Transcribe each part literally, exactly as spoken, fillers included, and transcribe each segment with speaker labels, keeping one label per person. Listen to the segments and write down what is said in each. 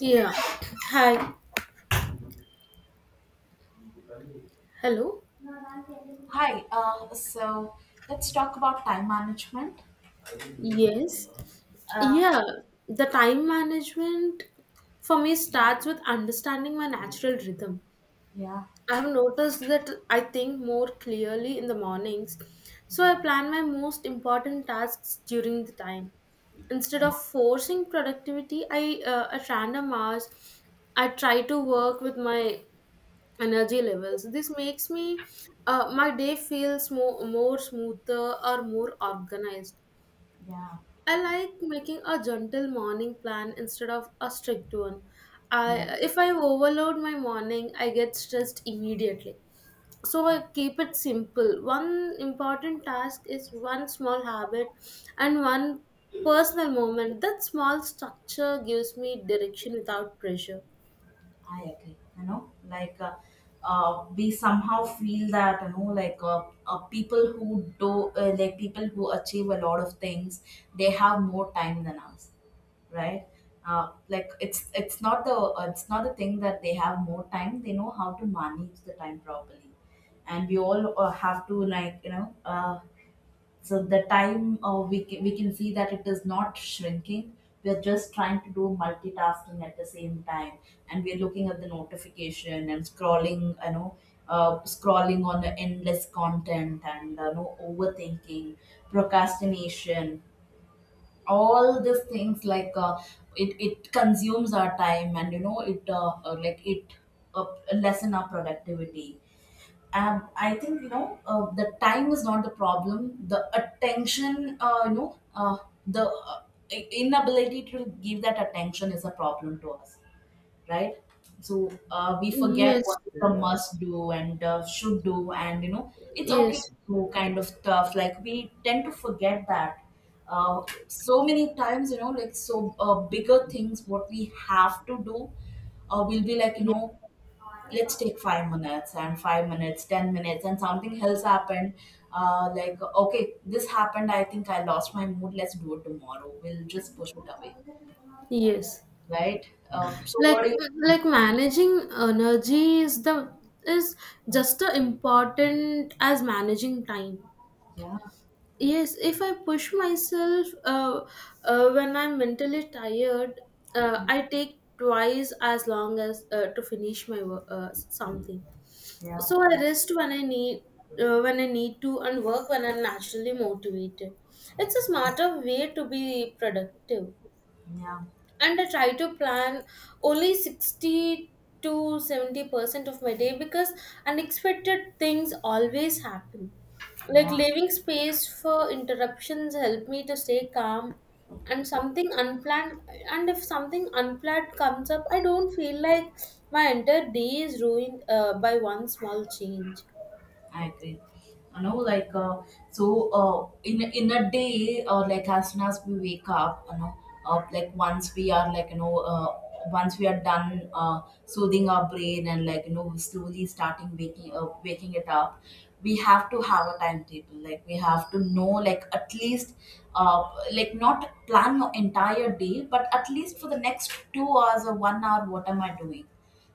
Speaker 1: Yeah. Hi. Hello.
Speaker 2: Hi, uh, so let's talk about time management.
Speaker 1: Yes.
Speaker 2: Uh,
Speaker 1: Yeah. The time management for me starts with understanding my natural rhythm.
Speaker 2: yeah,
Speaker 1: I have noticed that I think more clearly in the mornings, so I
Speaker 2: yeah,
Speaker 1: plan my most important tasks during the time. Instead
Speaker 2: yeah,
Speaker 1: of forcing productivity, I uh, at random hours, I try to work with my energy levels. This makes me uh, my day feels more, more smoother or more organized.
Speaker 2: yeah,
Speaker 1: I like making a gentle morning plan instead of a strict one. I
Speaker 2: yeah,
Speaker 1: If I overload my morning, I get stressed immediately, so I
Speaker 2: I,
Speaker 1: keep it simple. One important task is one small habit and one personal moment. That small structure gives me direction without pressure.
Speaker 2: I agree. You know, like, uh, uh, we somehow feel that, you know, like, uh, uh, people who do, uh, like people who achieve a lot of things, they have more time than us, right? Uh, like, it's it's not the uh, it's not the thing that they have more time. They know how to manage the time properly, and we all uh, have to, like, you know uh, so the time uh, we can, we can see that it is not shrinking. We are just trying to do multitasking at the same time, and we are looking at the notification and scrolling. You know, uh, scrolling on the endless content, and uh, no, overthinking, procrastination. All these things, like, uh, it it consumes our time, and, you know it uh, uh, like it uh, lessen our productivity. um, I think, you know uh, the time is not the problem. The attention, uh, you know, uh, the uh, i- inability to give that attention is a problem to us, right? So, uh, we forget what
Speaker 1: Yes,
Speaker 2: is the must do and uh, should do, and, you know, it's okay to
Speaker 1: yes.
Speaker 2: do kind of stuff. Like, we tend to forget that. Uh, so many times, you know, like, so uh, bigger things, what we have to do, uh, will be like, you
Speaker 1: Yes,
Speaker 2: know let's take five minutes, and five minutes, ten minutes, and something else happened. Uh, like, okay, this happened, I think I lost my mood, let's do it tomorrow, we'll just push it away,
Speaker 1: yes.
Speaker 2: right? uh, so
Speaker 1: like
Speaker 2: what do you
Speaker 1: like managing energy is the is just as important as managing time.
Speaker 2: Yeah,
Speaker 1: Yes, if I push myself uh, uh, when I'm mentally tired, uh,
Speaker 2: yeah,
Speaker 1: I take twice as long as uh, to finish my work, uh, something.
Speaker 2: yeah,
Speaker 1: So I rest when i need uh, when I need to, and work when I'm naturally motivated. It's a smarter way to be productive.
Speaker 2: yeah,
Speaker 1: And I try to plan only sixty to seventy percent of my day because unexpected things always happen. Like,
Speaker 2: yeah.
Speaker 1: leaving space for interruptions help me to stay calm. and something unplanned and if something unplanned comes up, I don't feel like my entire day is ruined uh, by one small change.
Speaker 2: I agree. You know, like, uh, so uh, in in a day, or like as soon as we wake up, you know, uh, like, once we are, like, you know uh, once we are done, uh, soothing our brain, and, like, you know slowly starting waking uh, waking it up, we have to have a timetable. Like, we have to know, like, at least, uh, like, not plan your entire day, but at least for the next two hours or one hour, what am I doing?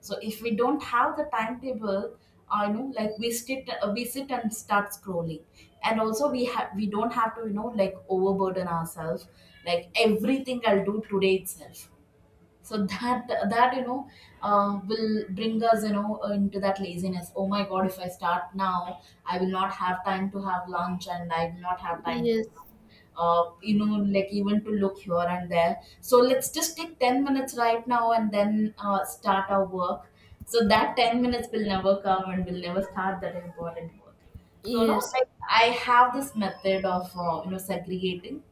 Speaker 2: So if we don't have the timetable, I know, like, we sit uh, we sit and start scrolling. And also, we have we don't have to, you know like, overburden ourselves. Like, everything I'll do today itself. So that that, you know uh, will bring us, you know uh, into that laziness. Oh my god, if I start now, I will not have time to have lunch, and I will not have time to,
Speaker 1: Yes,
Speaker 2: uh, you know like, even to look here and there. So let's just take ten minutes right now, and then uh, start our work. So that ten minutes will never come, and will never start that important work. So, no,
Speaker 1: yes,
Speaker 2: like, I have this method of uh, you know segregating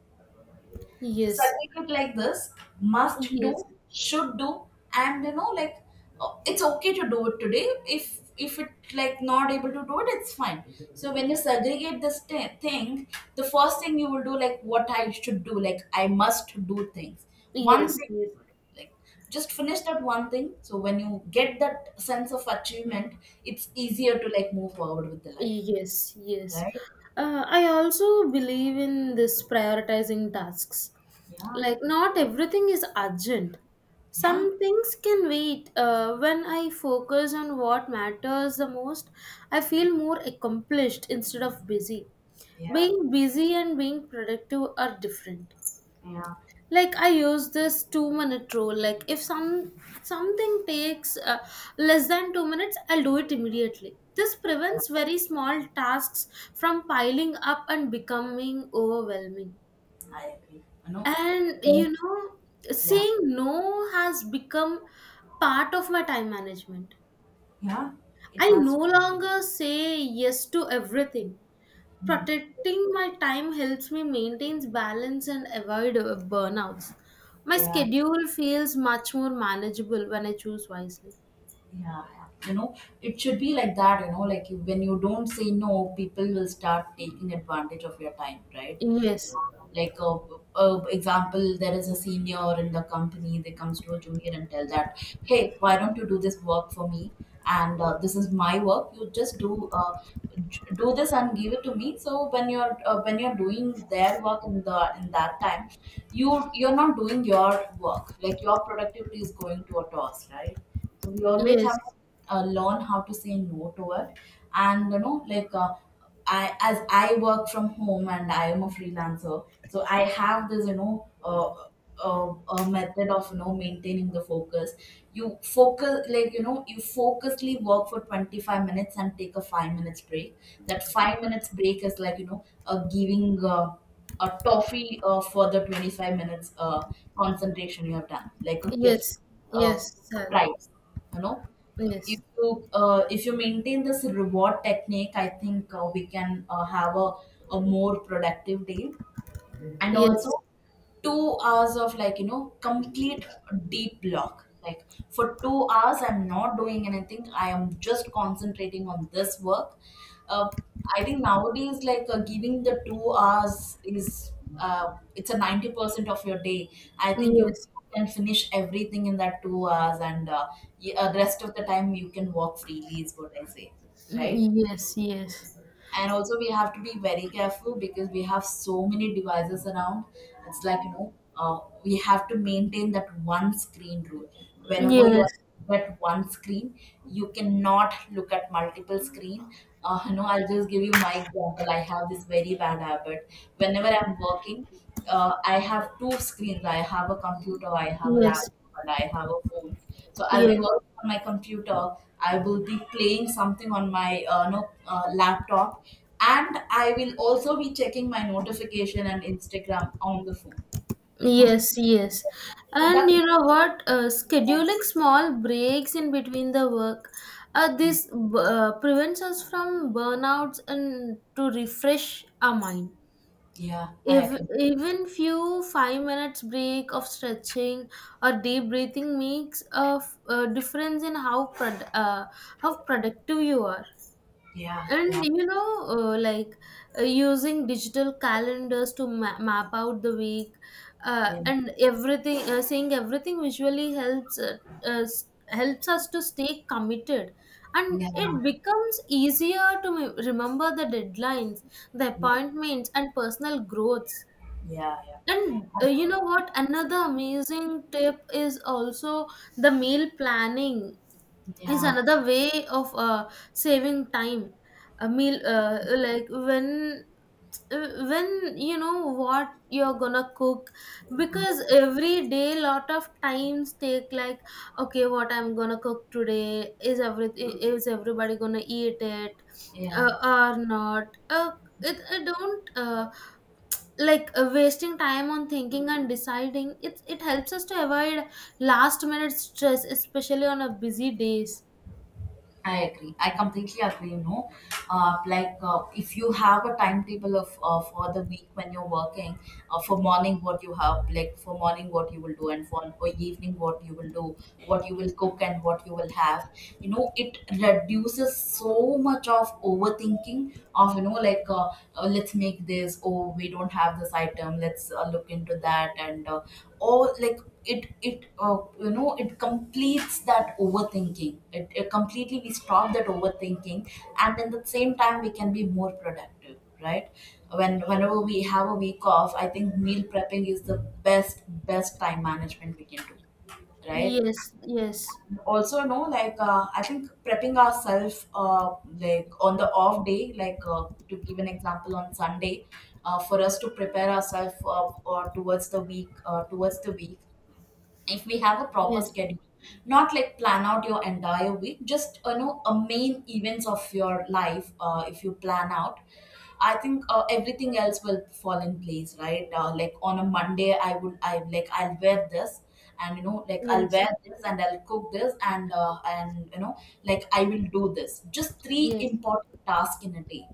Speaker 2: the
Speaker 1: yes,
Speaker 2: certificate, like this: must
Speaker 1: yes,
Speaker 2: do, should do. And, you know like, uh, it's okay to do it today. If if it, like, not able to do it, it's fine. So when you segregate this t- thing, the first thing you will do, like what I should do, like, I must do things. One
Speaker 1: yes,
Speaker 2: thing,
Speaker 1: yes.
Speaker 2: like, just finish that one thing. So when you get that sense of achievement, it's easier to, like, move forward with the life,
Speaker 1: Yes, yes.
Speaker 2: right?
Speaker 1: Uh, I also believe in this prioritizing tasks.
Speaker 2: Yeah,
Speaker 1: Like, not everything is urgent.
Speaker 2: yeah,
Speaker 1: Some things can wait. Uh, when I focus on what matters the most, I feel more accomplished instead of busy.
Speaker 2: yeah,
Speaker 1: Being busy and being productive are different.
Speaker 2: yeah,
Speaker 1: Like, I use this two minute rule. Like, if some something takes uh, less than two minutes, I'll do it immediately. This prevents very small tasks from piling up and becoming overwhelming.
Speaker 2: I agree you know
Speaker 1: And, you know,
Speaker 2: Yeah,
Speaker 1: saying no has become part of my time management.
Speaker 2: yeah, it
Speaker 1: I no
Speaker 2: has.
Speaker 1: longer say yes to everything.
Speaker 2: Mm,
Speaker 1: Protecting my time helps me maintain balance and avoid uh, burnouts. My
Speaker 2: yeah,
Speaker 1: schedule feels much more manageable when I choose wisely.
Speaker 2: yeah, yeah. You know, it should be like that. You know, like, you, when you don't say no, people will start taking advantage of your time, right?
Speaker 1: Yes,
Speaker 2: Like, a, a example, there is a senior in the company, they comes to a junior and tell that, hey, why don't you do this work for me, and, uh, this is my work, you just do uh, j- do this and give it to me. So when you're uh, when you're doing their work in the in that time, you you're not doing your work, like, your productivity is going to a toss, right? So we always have
Speaker 1: yes,
Speaker 2: to uh, learn how to say no to it. And, you know like, uh, I, as I work from home, and I am a freelancer, so I have this, you know uh, uh, a method of, you know maintaining the focus. You focus, like, you know you focusly work for twenty five minutes and take a five minutes break. That five minutes break is like, you know uh, giving, uh, a toffee, uh, for the twenty five minutes uh, concentration you have done, like a gift,
Speaker 1: yes,
Speaker 2: uh,
Speaker 1: yes, Sally.
Speaker 2: prize, you know if
Speaker 1: Yes,
Speaker 2: you uh, if you maintain this reward technique, I think, uh, we can, uh, have a, a more productive day. And
Speaker 1: yes,
Speaker 2: also, two hours of, like, you know complete deep block. Like, for two hours I'm not doing anything, I am just concentrating on this work. uh, I think nowadays, like, uh, giving the two hours is, uh, it's a ninety percent of your day. I think you
Speaker 1: yes.
Speaker 2: can finish everything in that two hours, and uh, y- uh, rest of the time you can walk freely is what I say, right?
Speaker 1: Mm, yes, yes,
Speaker 2: And also, we have to be very careful because we have so many devices around. It's like, you know uh, we have to maintain that one screen rule. Whenever you
Speaker 1: yes,
Speaker 2: are at one screen, you cannot look at multiple screen. uh, you know I'll just give you my example. I have this very bad habit. Whenever I'm working, uh, I have two screens. I have a computer, I have a
Speaker 1: yes,
Speaker 2: laptop, and I have a phone. So I'll be
Speaker 1: yes.
Speaker 2: working on my computer. I will be playing something on my uh, no, uh, laptop, and I will also be checking my notification and Instagram on the phone.
Speaker 1: Yes, yes.
Speaker 2: So
Speaker 1: And
Speaker 2: That's
Speaker 1: you know what? Uh,
Speaker 2: Yeah,
Speaker 1: scheduling small breaks in between the work, uh, this uh, prevents us from burnouts and to refresh our mind.
Speaker 2: yeah, I
Speaker 1: If
Speaker 2: agree.
Speaker 1: even few five minutes break of stretching or deep breathing makes a, f- a difference in how prod- uh, how productive you are.
Speaker 2: Yeah, yeah,
Speaker 1: And you know, uh, like uh, using digital calendars to ma- map out the week, uh,
Speaker 2: yeah,
Speaker 1: and everything, uh, seeing everything visually helps uh, us helps us to stay committed, and
Speaker 2: yeah,
Speaker 1: it becomes easier to me- remember the deadlines, the
Speaker 2: yeah,
Speaker 1: appointments, and personal growths.
Speaker 2: yeah, yeah,
Speaker 1: And uh, you know what, another amazing tip is also the meal planning is
Speaker 2: yeah,
Speaker 1: another way of uh, saving time. A meal, uh, like, when when you know what you're gonna cook, because every day lot of times take like, okay, what I'm gonna cook today, is everything, is everybody gonna eat it
Speaker 2: yeah.
Speaker 1: uh, or not uh, it, it don't uh, like uh, wasting time on thinking and deciding, it it helps us to avoid last minute stress, especially on a busy days.
Speaker 2: I agree. I completely agree. You know, uh, like, uh, if you have a timetable of uh, for the week when you're working, uh, for morning what you have, like for morning what you will do, and for for evening what you will do, what you will cook and what you will have. You know, it reduces so much of overthinking of, you know like, uh, uh, let's make this, oh we don't have this item, let's uh, look into that, and uh, or like, it it uh, you know it completes that overthinking, it, it completely, we stop that overthinking. And in the same time we can be more productive, right? When whenever we have a week off, I think meal prepping is the best best time management we can do, right?
Speaker 1: Yes, yes,
Speaker 2: Also, no, like, uh, I think prepping ourselves, uh, like on the off day, like, uh, to give an example on Sunday, uh, for us to prepare ourselves, uh, uh, towards the week uh, towards the week, if we have a proper
Speaker 1: yes,
Speaker 2: schedule, not like plan out your entire week, just, you know a main events of your life, uh, if you plan out, I think uh, everything else will fall in place, right? Uh, like on a Monday, I would I like I'll wear this, and, you know like, I'll
Speaker 1: yes,
Speaker 2: wear this and I'll cook this, and uh, and, you know like, I will do this, just three
Speaker 1: yes,
Speaker 2: important tasks in a day.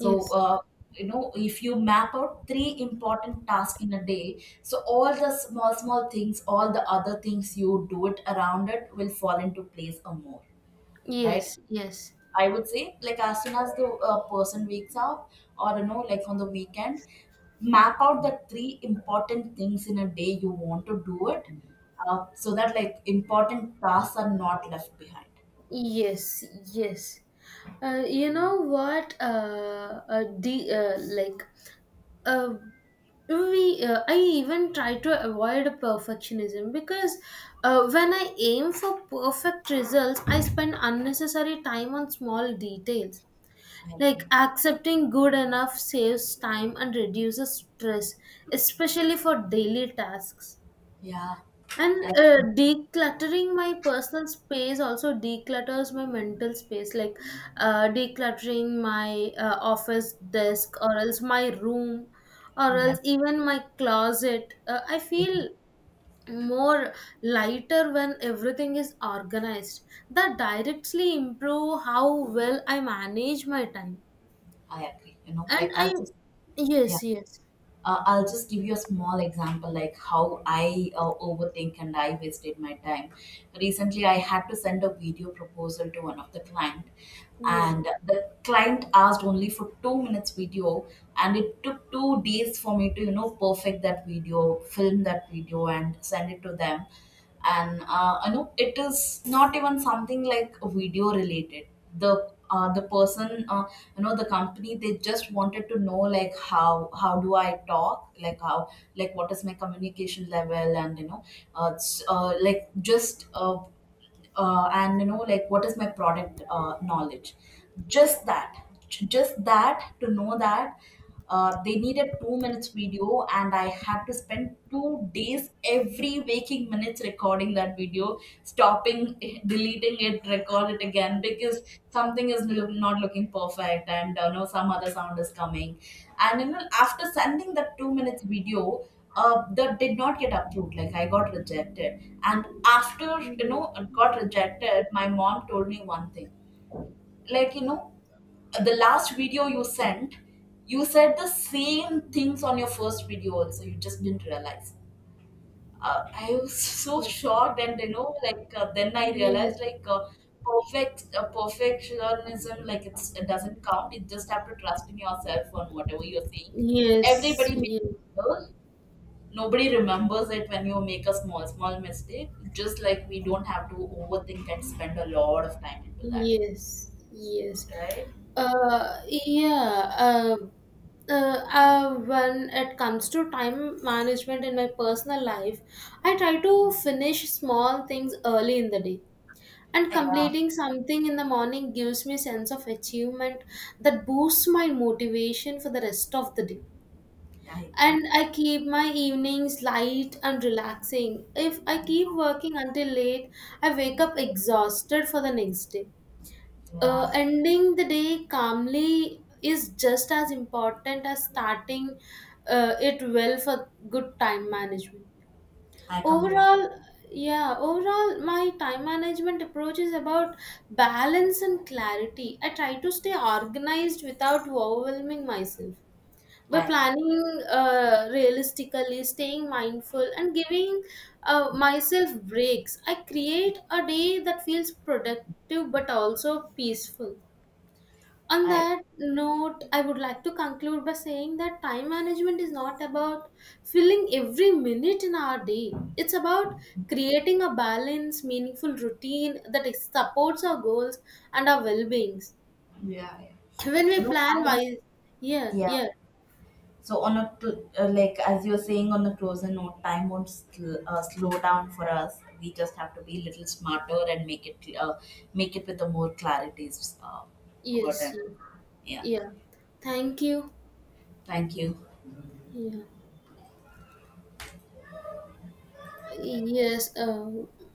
Speaker 2: So, uh, you know, if you map out three important tasks in a day, so all the small, small things, all the other things you do it around, it will fall into place or more, right?
Speaker 1: yes, yes,
Speaker 2: I would say, like, as soon as the uh, person wakes up, or, you know, like on the weekend, map out the three important things in a day you want to do it, uh, so that, like, important tasks are not left behind.
Speaker 1: yes, yes. Uh, you know what? Uh, uh, the uh, like, uh, we uh, I even try to avoid perfectionism because uh, when I aim for perfect results, I spend unnecessary time on small details.
Speaker 2: I,
Speaker 1: Like, accepting good enough saves time and reduces stress, especially for daily tasks.
Speaker 2: yeah.
Speaker 1: And
Speaker 2: I,
Speaker 1: uh, decluttering my personal space also declutters my mental space. Like, uh, decluttering my uh, office desk, or else my room, or
Speaker 2: yeah.
Speaker 1: else even my closet. Uh, I feel more lighter when everything is organized. That directly improve how well I manage my time.
Speaker 2: I agree. You know,
Speaker 1: And
Speaker 2: like, I'll
Speaker 1: I,
Speaker 2: just yeah,
Speaker 1: yes, yes,
Speaker 2: uh, I'll just give you a small example, like how I uh, overthink and I wasted my time. Recently, I had to send a video proposal to one of the client,
Speaker 1: yes,
Speaker 2: and the client asked only for two minutes video, and it took two days for me to, you know perfect that video, film that video, and send it to them. And uh, I know it is not even something like video related. The uh, the person, uh, you know, the company, they just wanted to know, like, how how do I talk, like how, like what is my communication level, and, you know, uh, s- uh, like, just, uh, uh, and, you know like, what is my product uh, knowledge, just that, j- just that to know that uh, they need a two minutes video and I had to spend two days every waking minutes recording that video, stopping deleting it, record it again because something is lo- not looking perfect, and uh, no, some other sound is coming. And, you know after sending that two minutes video, uh, that did not get approved, like, I got rejected. And after, you know
Speaker 1: yes,
Speaker 2: it got rejected, my mom told me one thing. Like, you know the last video you sent, you said the same things on your first video also. You just didn't realize. uh, I was so
Speaker 1: yes,
Speaker 2: shocked, and, you know, like, uh, then I realized,
Speaker 1: yes,
Speaker 2: like, uh, perfect uh, perfectionism, like, it's, it doesn't count. You just have to trust in yourself on whatever you're saying.
Speaker 1: yes,
Speaker 2: Everybody makes
Speaker 1: yes.
Speaker 2: error. Nobody remembers it when you make a small small mistake. Just like we don't have to overthink and spend a lot of time into that,
Speaker 1: Yes, yes.
Speaker 2: right?
Speaker 1: Uh, yeah. Uh, uh, uh, when it comes to time management in my personal life, I try to finish small things early in the day. And
Speaker 2: Yeah,
Speaker 1: completing something in the morning gives me sense of achievement that boosts my motivation for the rest of the day.
Speaker 2: I agree.
Speaker 1: And I keep my evenings light and relaxing. If I keep working until late, I wake up exhausted for the next day.
Speaker 2: Yeah,
Speaker 1: Uh, ending the day calmly is just as important as starting uh, it well for good time management
Speaker 2: I completely.
Speaker 1: overall. Yeah, overall my time management approach is about balance and clarity. I try to stay organized without overwhelming myself. By
Speaker 2: I
Speaker 1: planning uh, realistically, staying mindful, and giving uh, myself breaks, I create a day that feels productive but also peaceful. On
Speaker 2: I
Speaker 1: that note, I would like to conclude by saying that time management is not about filling every minute in our day. It's about creating a balanced, meaningful routine that is- supports our goals and our well beings.
Speaker 2: Yeah, yeah.
Speaker 1: When we
Speaker 2: you know
Speaker 1: plan
Speaker 2: time.
Speaker 1: wise, yeah,
Speaker 2: Yeah.
Speaker 1: yeah.
Speaker 2: So, on a to, uh, like, as you're saying, on a closer note, time won't sl- uh, slow down for us. We just have to be a little smarter, and make it uh, make it with the more clarities, uh, over
Speaker 1: Yes,
Speaker 2: time.
Speaker 1: yeah.
Speaker 2: Yeah.
Speaker 1: Yeah. Thank you.
Speaker 2: Thank you.
Speaker 1: Yeah. Yes, uh,